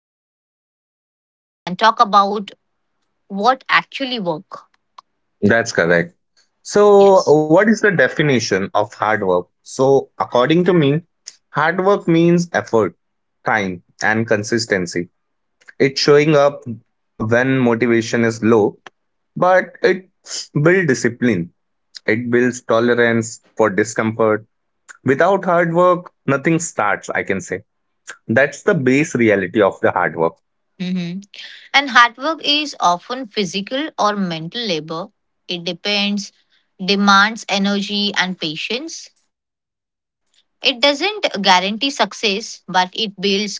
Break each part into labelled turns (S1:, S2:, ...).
S1: facts from noise and talk about what actually work.
S2: That's correct. So,
S1: Yes.
S2: what is the definition of hard work? So, according to me, hard work means effort, time, and consistency. It's showing up when motivation is low, but it builds discipline. It builds tolerance for discomfort. Without hard work, nothing starts, I can say. That's the base reality of the hard work.
S1: Mhm. And hard work is often physical or mental labor. It depends, demands energy and patience. It doesn't guarantee success, but it builds character.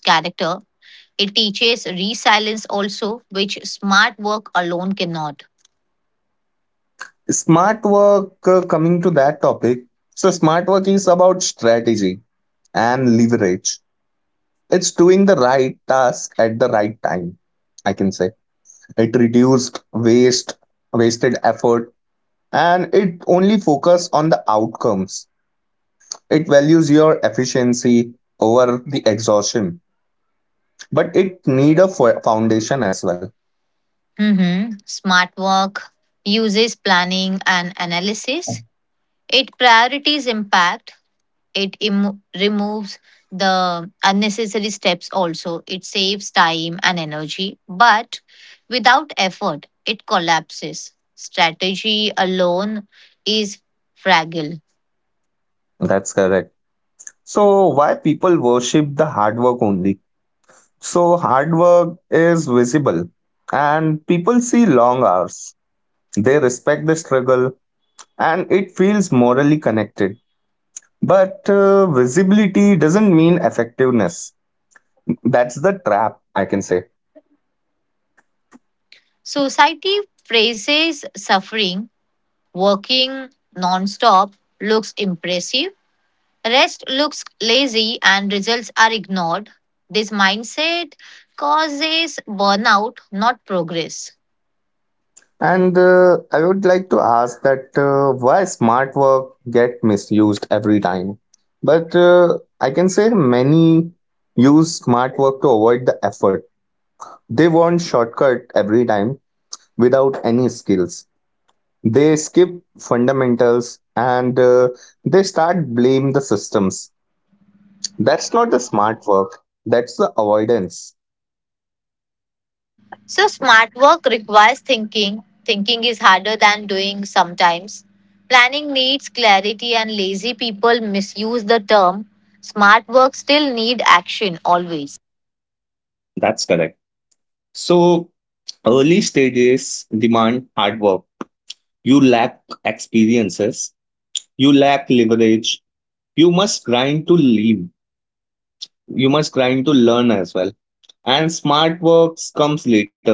S1: It teaches resilience also, which smart work alone cannot.
S2: Smart work, coming to that topic. So, smart work is about strategy and leverage. It's doing the right task at the right time, I can say. It reduced waste, wasted effort, and it only focus on the outcomes. It values your efficiency over the exhaustion, but it need a foundation as well.
S1: Mhm. Smart work uses planning and analysis. It priorities impact, removes the unnecessary steps, also it saves time and energy, but without effort it collapses. Strategy alone is fragile.
S2: That's correct. So why people worship the hard work only? So hard work is visible and people see long hours. They respect the struggle and it feels morally connected. But visibility doesn't mean effectiveness. That's the trap, I can say.
S1: Society praises suffering. Working non-stop looks impressive, rest looks lazy, and results are ignored. This mindset causes burnout, not progress.
S2: And I would like to ask that why smart work get misused every time. But I can say many use smart work to avoid the effort. They want shortcut every time without any skills. They skip fundamentals and they start blame the systems. That's not the smart work. That's the avoidance.
S1: So, smart work requires thinking. Thinking is harder than doing sometimes. Planning needs clarity, and lazy people misuse the term. Smart work still need action always.
S2: That's correct. So, early stages demand hard work. You lack experiences, you lack leverage. You must grind to leave, you must grind to learn as well. And smart works comes later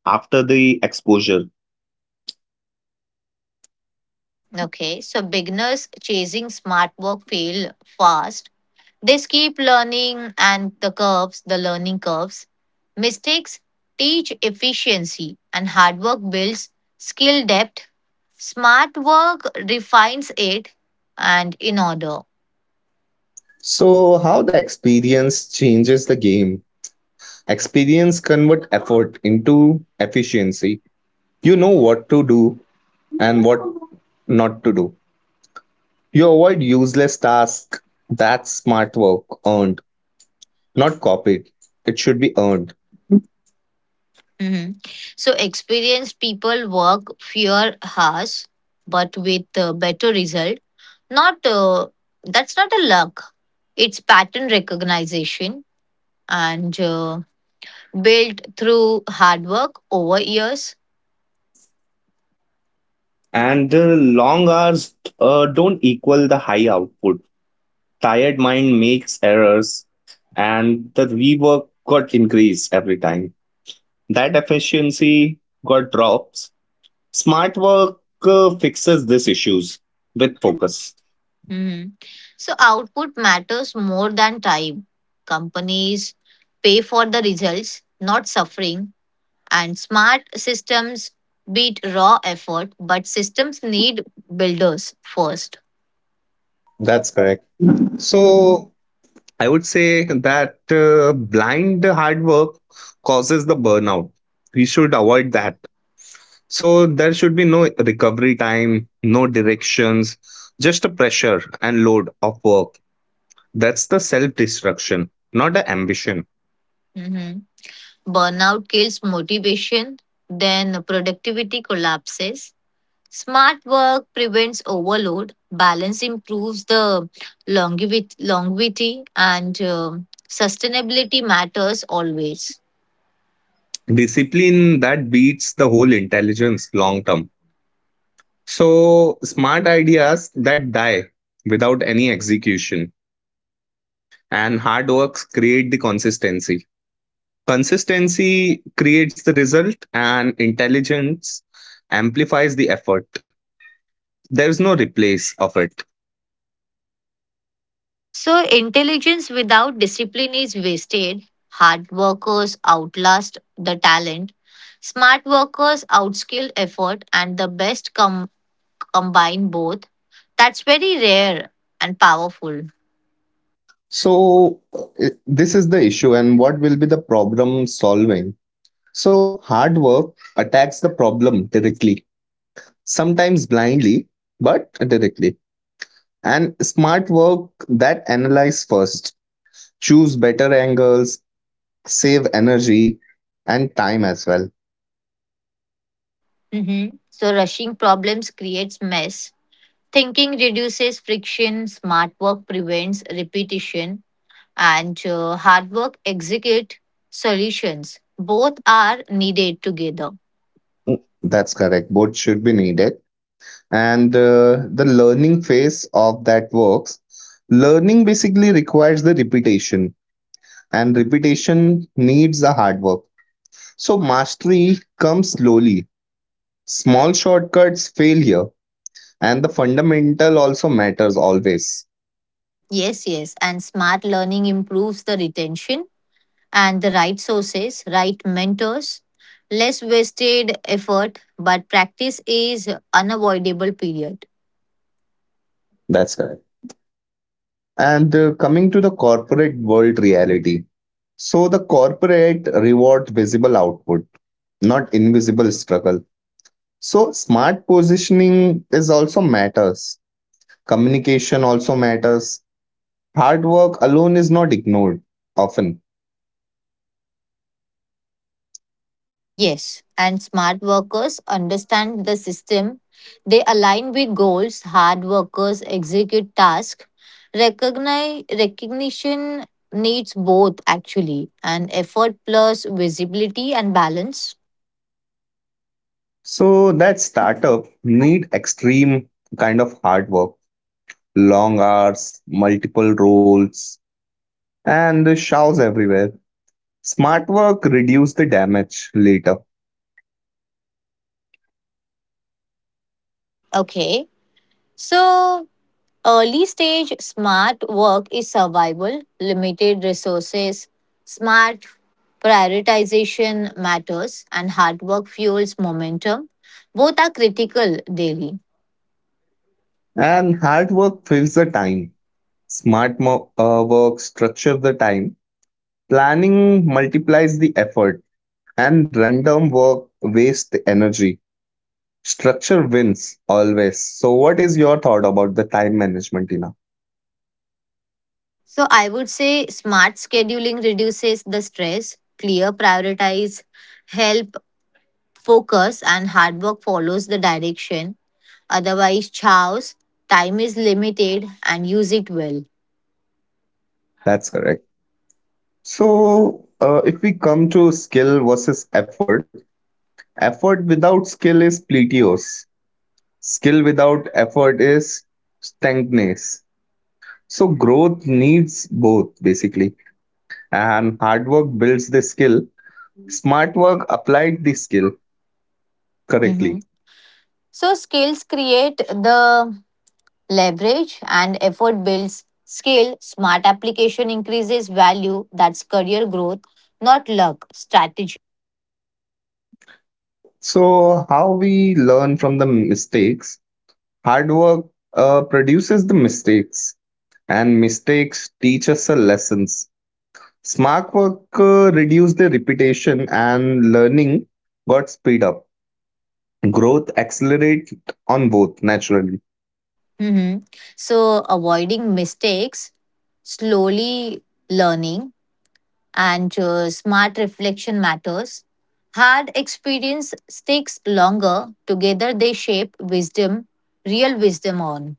S2: after the exposure.
S1: Okay, so beginners chasing smart work fail fast. They skip learning and the curves, the learning curves. Mistakes teach efficiency, and hard work builds skill depth. Smart work refines it and in order.
S2: So, how the experience changes the game? Experience convert effort into efficiency. You know what to do and what not to do. You avoid useless tasks. That's smart work earned, not copied. It should be earned.
S1: Hmm. So, experienced people work fewer hours but with a better result. Not That's not a luck. It's pattern recognition and built through hard work over years.
S2: And the long hours don't equal the high output. Tired mind makes errors, and the rework got increased every time. That efficiency got drops. Smart work fixes these issues with focus.
S1: Mhm. So, output matters more than time. Companies pay for the results, not suffering. And smart systems beat raw effort, but systems need builders first.
S2: That's correct. So I would say that blind hard work causes the burnout. We should avoid that. So there should be no recovery time, no directions, just a pressure and load of work. That's the self destruction, not the ambition.
S1: Hmm. Burnout kills motivation, then productivity collapses. Smart work prevents overload, balance improves the longevity, and sustainability matters always.
S2: Discipline that beats the whole intelligence long term. So smart ideas that die without any execution and hard works create the consistency. Consistency creates the result and intelligence amplifies the effort. There is no replace of it.
S1: So, intelligence without discipline is wasted. Hard workers outlast the talent. Smart workers outskill effort, and the best combine both. That's very rare and powerful.
S2: So, this is the issue, and what will be the problem solving? So, hard work attacks the problem directly, sometimes blindly, but directly. And smart work that analyze first, choose better angles, save energy and time as well.
S1: Mhm. So rushing problems creates mess. Thinking reduces friction. Smart work prevents repetition, and hard work execute solutions. Both are needed together.
S2: That's correct. Both should be needed. And the learning phase of that works. Learning basically requires the repetition, and repetition needs the hard work. So mastery comes slowly. Small shortcuts fail here, and the fundamental also matters always.
S1: Yes, yes. And smart learning improves the retention and the right sources, right mentors, less wasted effort. But practice is unavoidable. Period.
S2: That's correct. And coming to the corporate world reality. So the corporate reward visible output, not invisible struggle. So smart positioning is also matters. Communication also matters. Hard work alone is not ignored often.
S1: Yes, and smart workers understand the system. They align with goals, hard workers execute tasks. Recognition needs both actually, and effort plus visibility and balance.
S2: So that startup need extreme kind of hard work, long hours, multiple roles, and showers everywhere. Smart work reduces the damage later,
S1: Okay, so early stage smart work is survival, limited resources, smart prioritization matters, and hard work fuels momentum. Both are critical daily.
S2: and hard work fills the time. Smart work structures the time. Planning multiplies the effort, and random work wastes the energy. Structure wins always. So, what is your thought about the time management, Tina?
S1: So I would say smart scheduling reduces the stress, clear prioritize, help focus, and hard work follows the direction. Otherwise, chaos, time is limited, and use it well.
S2: That's correct. So, if we come to skill versus effort, effort without skill is pletios. Skill without effort is stankness. So growth needs both basically. And hard work builds the skill. Smart work applied the skill
S1: Mhm.
S2: correctly.
S1: So skills create the leverage, and effort builds skill. Smart application increases value. That's career growth, not luck. Strategy.
S2: So how we learn from the mistakes? Hard work produces the mistakes, and mistakes teach us the lessons. Smart work reduce the repetition, and learning got speed up. Growth accelerate on both naturally.
S1: Mhm. So avoiding mistakes, slowly learning, and smart reflection matters. Hard experience sticks longer. Together they shape wisdom, real wisdom on.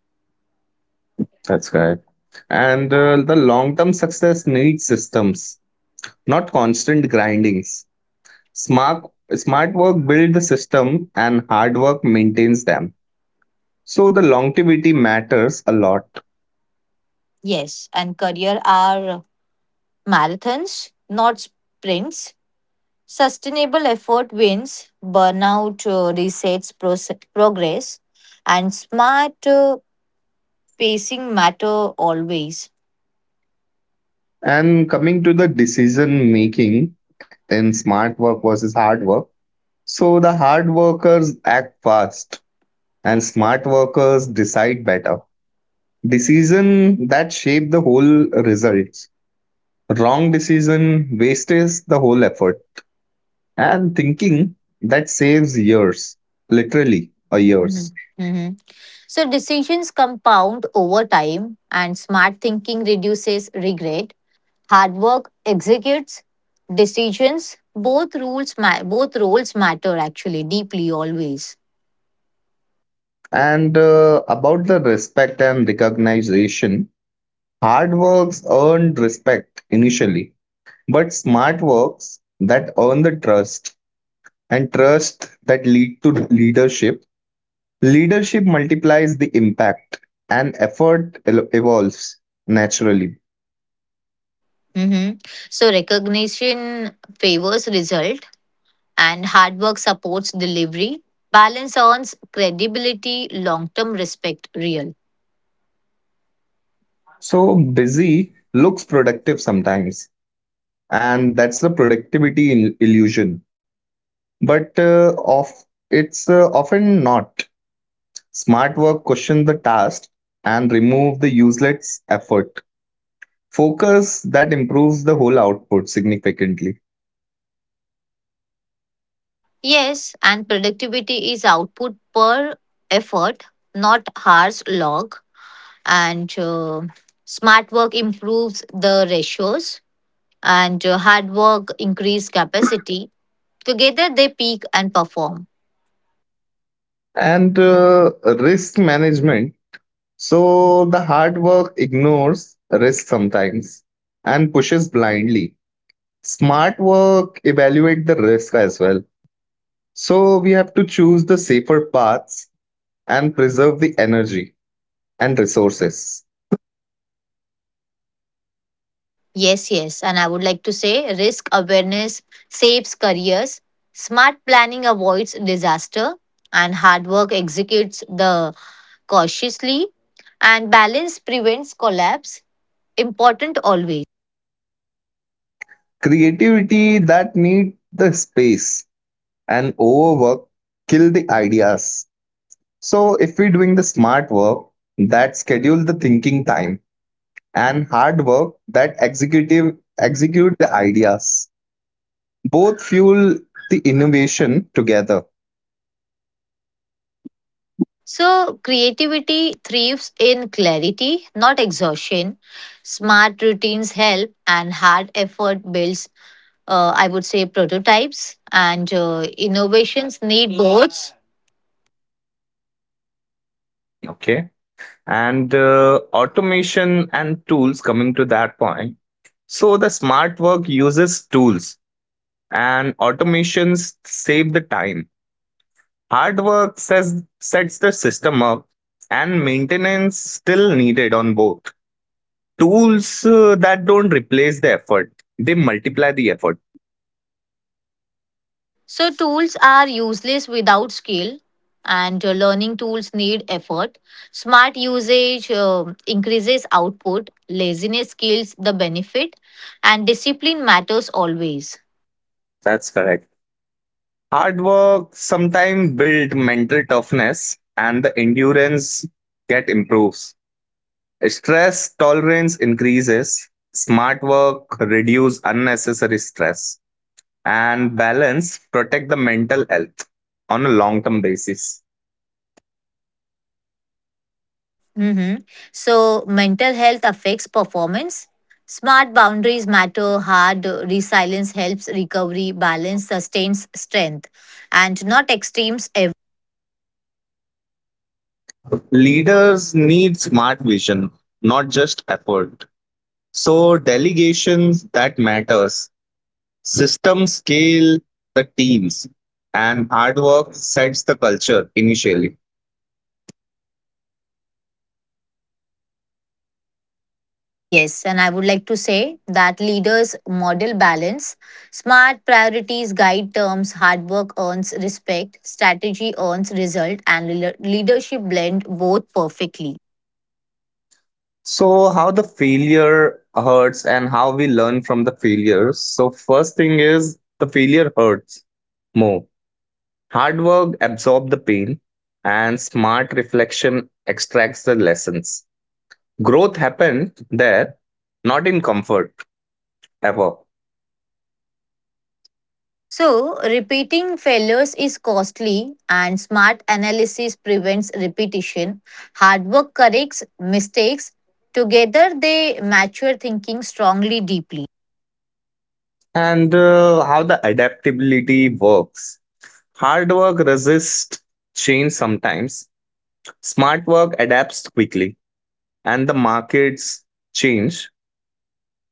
S2: That's correct. And the long term success needs systems, not constant grindings. Smart, smart work builds the system and hard work maintains them. So the longevity matters a lot.
S1: Yes, and career are marathons, not sprints. Sustainable effort wins, burnout resets progress, and smart pacing matter always.
S2: And coming to the decision making in smart work versus hard work. So the hard workers act fast and smart workers decide better. Decision that shape the whole results. Wrong decision wastes the whole effort and thinking that saves years, literally a years.
S1: Mhm. Mhm. So decisions compound over time, and smart thinking reduces regret. Hard work executes decisions. Both roles matter actually deeply always.
S2: And about the respect and recognition, hard works earned respect initially but smart works that earn the trust and trust that lead to leadership. Leadership multiplies the impact and effort evolves naturally.
S1: Hmm. So recognition favors result, and hard work supports delivery. Balance earns credibility, long-term respect, real.
S2: So busy looks productive sometimes and that's the productivity illusion, but of it's often not. Smart work questions the task and remove the useless effort. Focus that improves the whole output significantly.
S1: Yes, and productivity is output per effort, not hours log. And smart work improves the ratios, and hard work increase capacity. Together they peak and perform.
S2: And risk management. So the hard work ignores risk sometimes and pushes blindly. Smart work evaluate the risk as well. So we have to choose the safer paths and preserve the energy and resources.
S1: Yes, yes. And I would like to say risk awareness saves careers, smart planning avoids disaster, and hard work executes the cautiously, and balance prevents collapse. Important always.
S2: Creativity that need the space and overwork kill the ideas. So if we're doing the smart work that schedule the thinking time and hard work that executive execute the ideas, both fuel the innovation together.
S1: So, creativity thrives in clarity, not exhaustion. Smart routines help, and hard effort builds, I would say, prototypes, and innovations need boards.
S2: Okay. And automation and tools coming to that point. So the smart work uses tools and automations save the time. Hard work says, sets the system up, and maintenance still needed on both. Tools that don't replace the effort, they multiply the effort.
S1: So tools are useless without skill, and learning tools need effort. Smart usage increases output. Laziness kills the benefit, and discipline matters always.
S2: That's correct. Hard work sometimes build mental toughness, and the endurance get improves. Stress tolerance increases. Smart work reduce unnecessary stress, and balance protect the mental health on a long term basis.
S1: Mhm. So mental health affects performance. Smart boundaries matter. Hard resilience helps recovery. Balance sustains strength, and not extremes.
S2: Leaders need smart vision, not just effort. So delegations that matters, system scale the teams, and hard work sets the culture initially.
S1: Yes, yes. And I would like to say that leaders model balance. Smart priorities guide terms, hard work earns respect, strategy earns result, and leadership blend both perfectly.
S2: So how the failure hurts and how we learn from the failures. So first thing is the failure hurts more. Hard work absorbs the pain and smart reflection extracts the lessons. Growth happened there, not in comfort ever.
S1: So, repeating failures is costly, and smart analysis prevents repetition. Hard work corrects mistakes. Together, they mature thinking strongly, deeply.
S2: And how the adaptability works. Hard work resists change sometimes, smart work adapts quickly, and the markets change,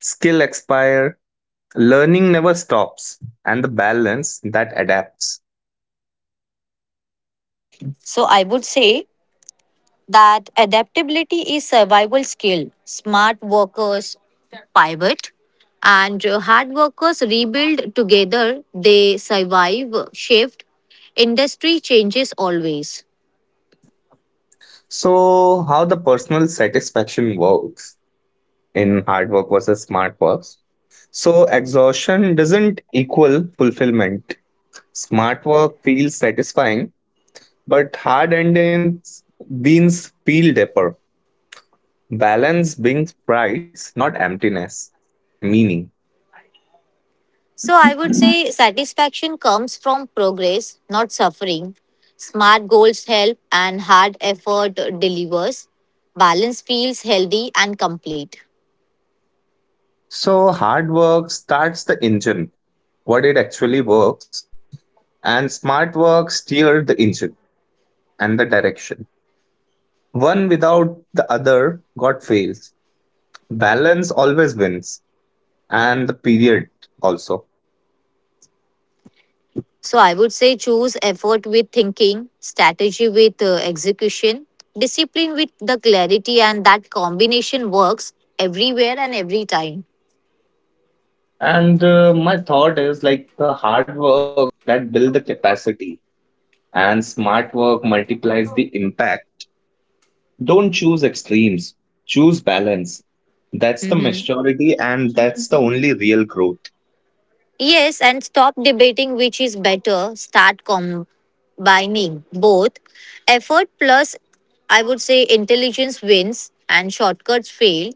S2: skill expire, learning never stops, and the balance that adapts.
S1: So, I would say that adaptability is survival skill. Smart workers pivot and hard workers rebuild together. They survive shift. Industry changes always.
S2: So, how the personal satisfaction works in hard work versus smart works. So, exhaustion doesn't equal fulfillment. Smart work feels satisfying. But hard endings beans feel deeper. Balance brings pride, not emptiness, meaning.
S1: So I would say satisfaction comes from progress, not suffering. Smart goals help and hard effort delivers. Balance feels healthy and complete.
S2: So hard work starts the engine, what it actually works, and smart work steer the engine and the direction. One without the other got fails. Balance always wins, and the period also.
S1: So I would say choose effort with thinking, strategy with execution, discipline with the clarity, and that combination works everywhere and every time.
S2: And my thought is like the hard work that build the capacity, and smart work multiplies the impact. Don't choose extremes, choose balance. That's the
S1: Mhm.
S2: maturity, and that's the only real growth.
S1: Yes, and stop debating which is better. Start combining both. Effort plus, I would say, intelligence wins and shortcuts fail.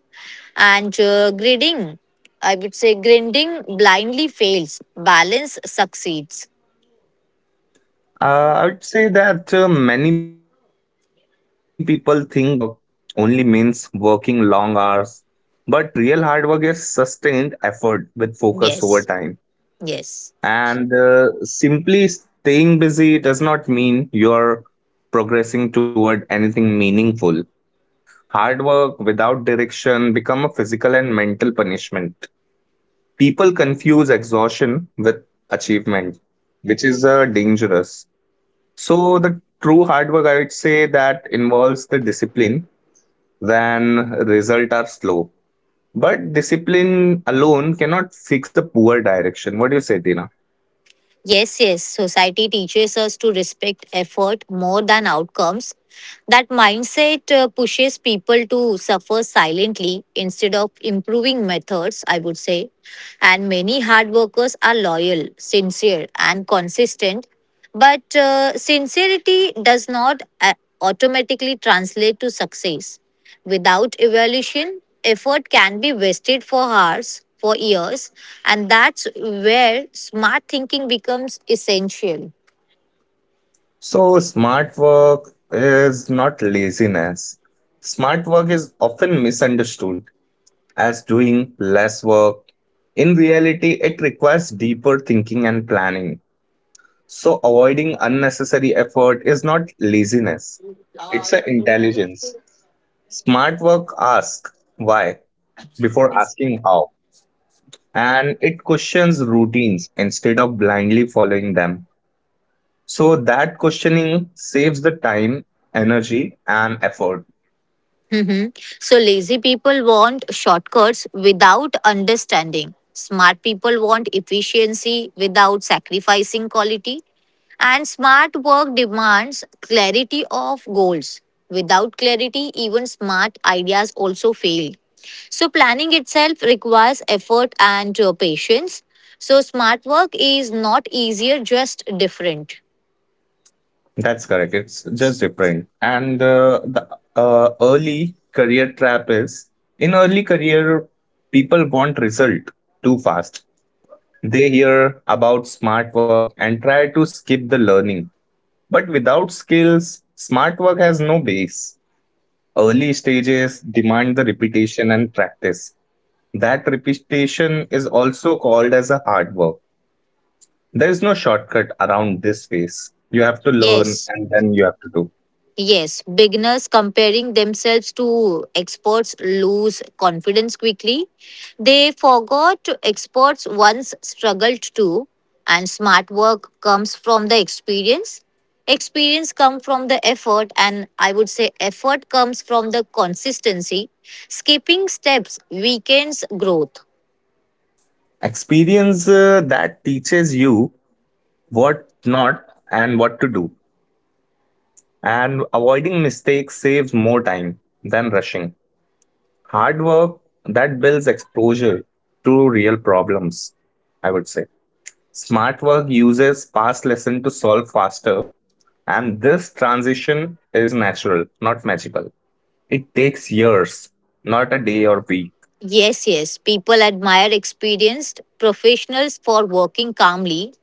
S1: And I would say, grinding blindly fails. Balance succeeds.
S2: I would say that many people think hard work only means working long hours, but real hard work is sustained effort with focus over
S1: Yes,
S2: time.
S1: yes.
S2: And simply staying busy does not mean you're progressing toward anything meaningful. Hard work without direction become a physical and mental punishment. People confuse exhaustion with achievement, which is dangerous. So, the true hard work, I would say, that involves the discipline when results are slow. But discipline alone cannot fix the poor direction. What do you say, Tina?
S1: Yes, yes, society teaches us to respect effort more than outcomes. That mindset pushes people to suffer silently instead of improving methods, I would say. And many hard workers are loyal, sincere, and consistent. But sincerity does not automatically translate to success. Without evaluation, effort can be wasted for hours, for years, and that's where smart thinking becomes essential.
S2: So, smart work is not laziness. Smart work is often misunderstood as doing less work. In reality, it requires deeper thinking and planning. So, avoiding unnecessary effort is not laziness, it's an intelligence. Smart work asks why before asking how, and it questions routines instead of blindly following them. So, that questioning saves the time, energy, and effort.
S1: Mhm. So, lazy people want shortcuts without understanding. Smart people want efficiency without sacrificing quality. And smart work demands clarity of goals. Without clarity, even smart ideas also fail. So, planning itself requires effort and patience. So, smart work is not easier, just different.
S2: That's correct. It's just different. And the early career trap is in early career, people want result too fast. They hear about smart work and try to skip the learning. But without skills, smart work has no base. Early stages demand the repetition and practice. That repetition is also called as a hard work. There is no shortcut around this phase. You have to learn
S1: Yes.
S2: and then you have to do.
S1: Yes, beginners comparing themselves to experts lose confidence quickly. They forgot experts once struggled too, and smart work comes from the experience. Experience comes from the effort, and I would say effort comes from the consistency. Skipping steps weakens growth.
S2: Experience that teaches you what not and what to do. And avoiding mistakes saves more time than rushing. Hard work that builds exposure to real problems, I would say. Smart work uses past lesson to solve faster, and this transition is natural, not magical. It takes years, not a day or week.
S1: Yes, yes. People admire experienced professionals for working calmly.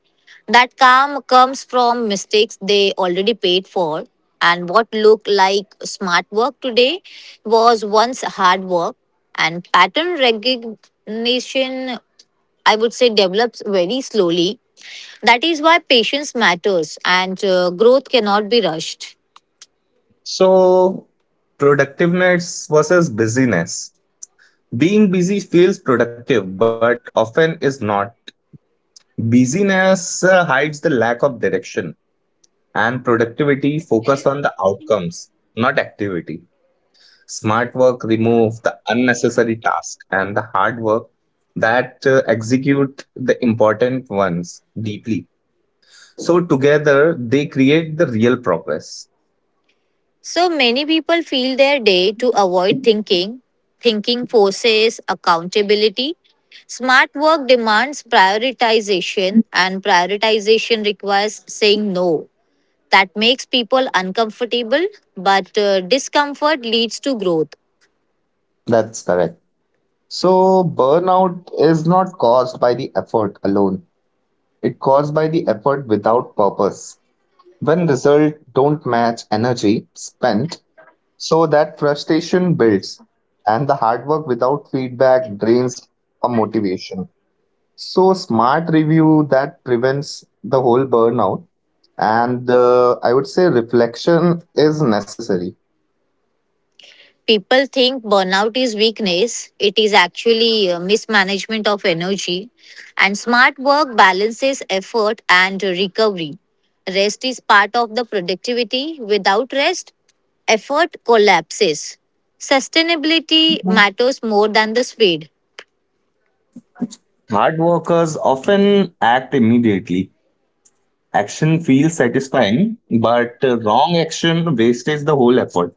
S1: That calm comes from mistakes they already paid for. And what looked like smart work today was once hard work. And pattern recognition, I would say, develops very slowly. That is why patience matters and growth cannot be rushed.
S2: So, productiveness versus busyness. Being busy feels productive, but often is not. Busyness hides the lack of direction, and productivity focused on the outcomes, not activity. Smart work remove the unnecessary tasks and the hard work that execute the important ones deeply. So together they create the real progress.
S1: So many people feel their day to avoid thinking. Thinking forces accountability. Smart work demands prioritization, and prioritization requires saying no. That makes people uncomfortable, but discomfort leads to growth.
S2: That's correct. So burnout is not caused by the effort alone. It caused by the effort without purpose. When results don't match energy spent, so that frustration builds and the hard work without feedback drains a motivation. So smart review that prevents the whole burnout. And I would say reflection is necessary.
S1: People think burnout is weakness. It is actually mismanagement of energy. And smart work balances effort and recovery. Rest is part of the productivity. Without rest, effort collapses. Sustainability matters more than the speed.
S2: Hard workers often act immediately. Action feels satisfying, but wrong action wastes the whole effort.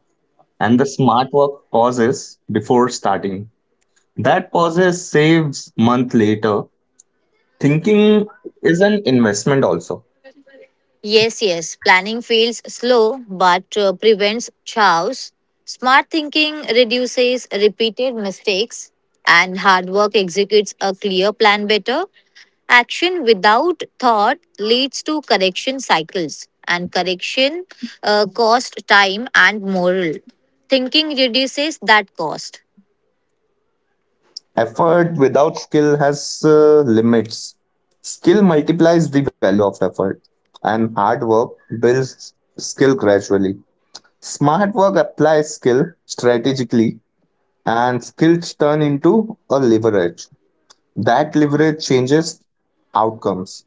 S2: And the smart work pauses before starting. That pauses saves month later. Thinking is an investment also.
S1: Yes, yes, planning feels slow but prevents chaos. Smart thinking reduces repeated mistakes, and hard work executes a clear plan better. Action without thought leads to correction cycles, and correction cost time and moral. Thinking reduces that cost.
S2: Effort without skill has limits. Skill multiplies the value of effort, and hard work builds skill gradually. Smart work applies skill strategically, and skills turn into a leverage. That leverage changes outcomes.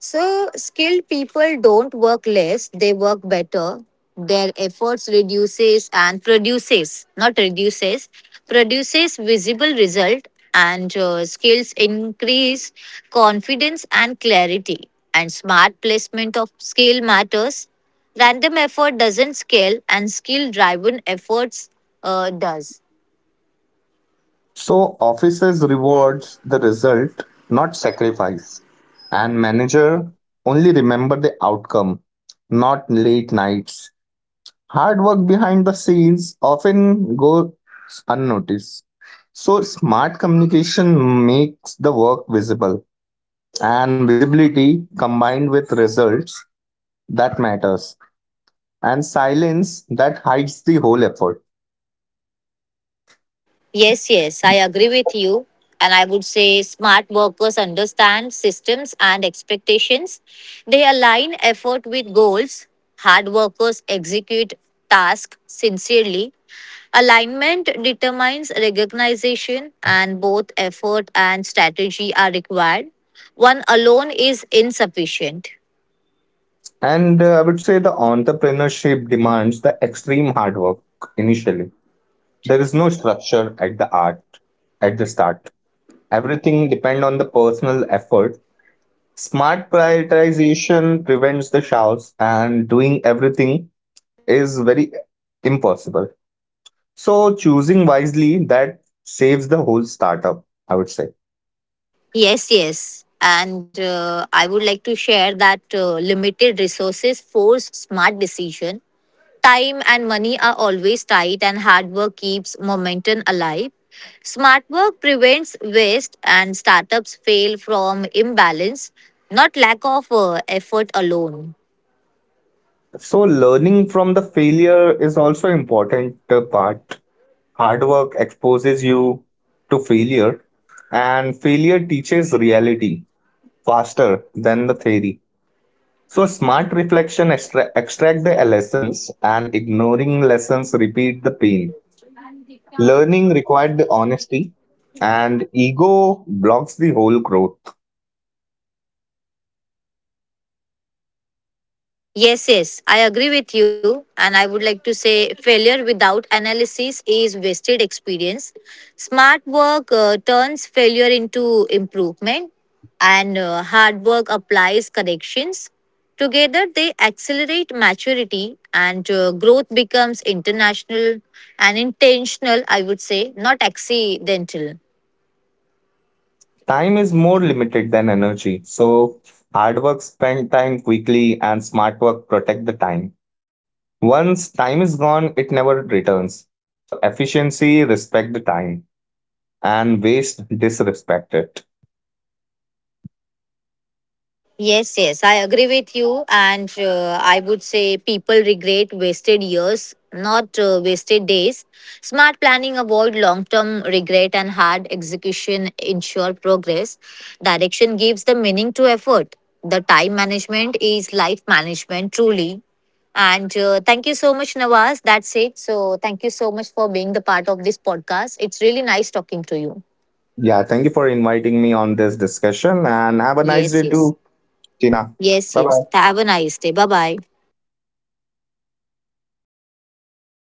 S1: So, skilled people don't work less, they work better. Their efforts reduces and produces, not reduces, produces visible result, and skills increase confidence and clarity, and smart placement of skill matters. Random effort doesn't scale and skill driven efforts does.
S2: So, offices rewards the result, not sacrifice. And manager only remember the outcome, not late nights. Hard work behind the scenes often goes unnoticed. So, smart communication makes the work visible, and visibility combined with results that matters, and silence that hides the whole effort.
S1: Yes, yes, I agree with you. And I would say smart workers understand systems and expectations. They align effort with goals. Hard workers execute tasks sincerely. Alignment determines recognition, and both effort and strategy are required. One alone is insufficient.
S2: And I would say the entrepreneurship demands the extreme hard work initially. There is no structure at the start. Everything depend on the personal effort. Smart prioritization prevents the chaos, and doing everything is very impossible. So, choosing wisely that saves the whole startup, I would say.
S1: Yes, yes. And I would like to share that limited resources force smart decision. Time and money are always tight, and hard work keeps momentum alive. Smart work prevents waste, and startups fail from imbalance, not lack of effort alone.
S2: So, learning from the failure is also important part. Hard work exposes you to failure, and failure teaches reality faster than the theory. So, smart reflection extract the lessons, and ignoring lessons repeat the pain. Learning required the honesty, and ego blocks the whole growth.
S1: Yes, yes, I agree with you. And I would like to say failure without analysis is wasted experience. Smart work turns failure into improvement, and hard work applies corrections. Together, they accelerate maturity, and growth becomes international and intentional, I would say, not accidental.
S2: Time is more limited than energy, so hard work spend time quickly and smart work protect the time. Once time is gone, it never returns. So efficiency respect the time and waste disrespect it.
S1: Yes, yes, I agree with you. And I would say people regret wasted years, not wasted days. Smart planning avoid long term regret and hard execution ensure progress. Direction gives the meaning to effort. The time management is life management, truly. And Thank you so much, Nawaz. That's it. So, thank you so much for being the part of this podcast. It's really nice talking to you.
S2: Yeah, thank you for inviting me on this discussion and have a nice
S1: Yes,
S2: day
S1: yes.
S2: too, Tina.
S1: Yes,
S2: Bye
S1: yes.
S2: bye.
S1: Have a nice day. Bye bye.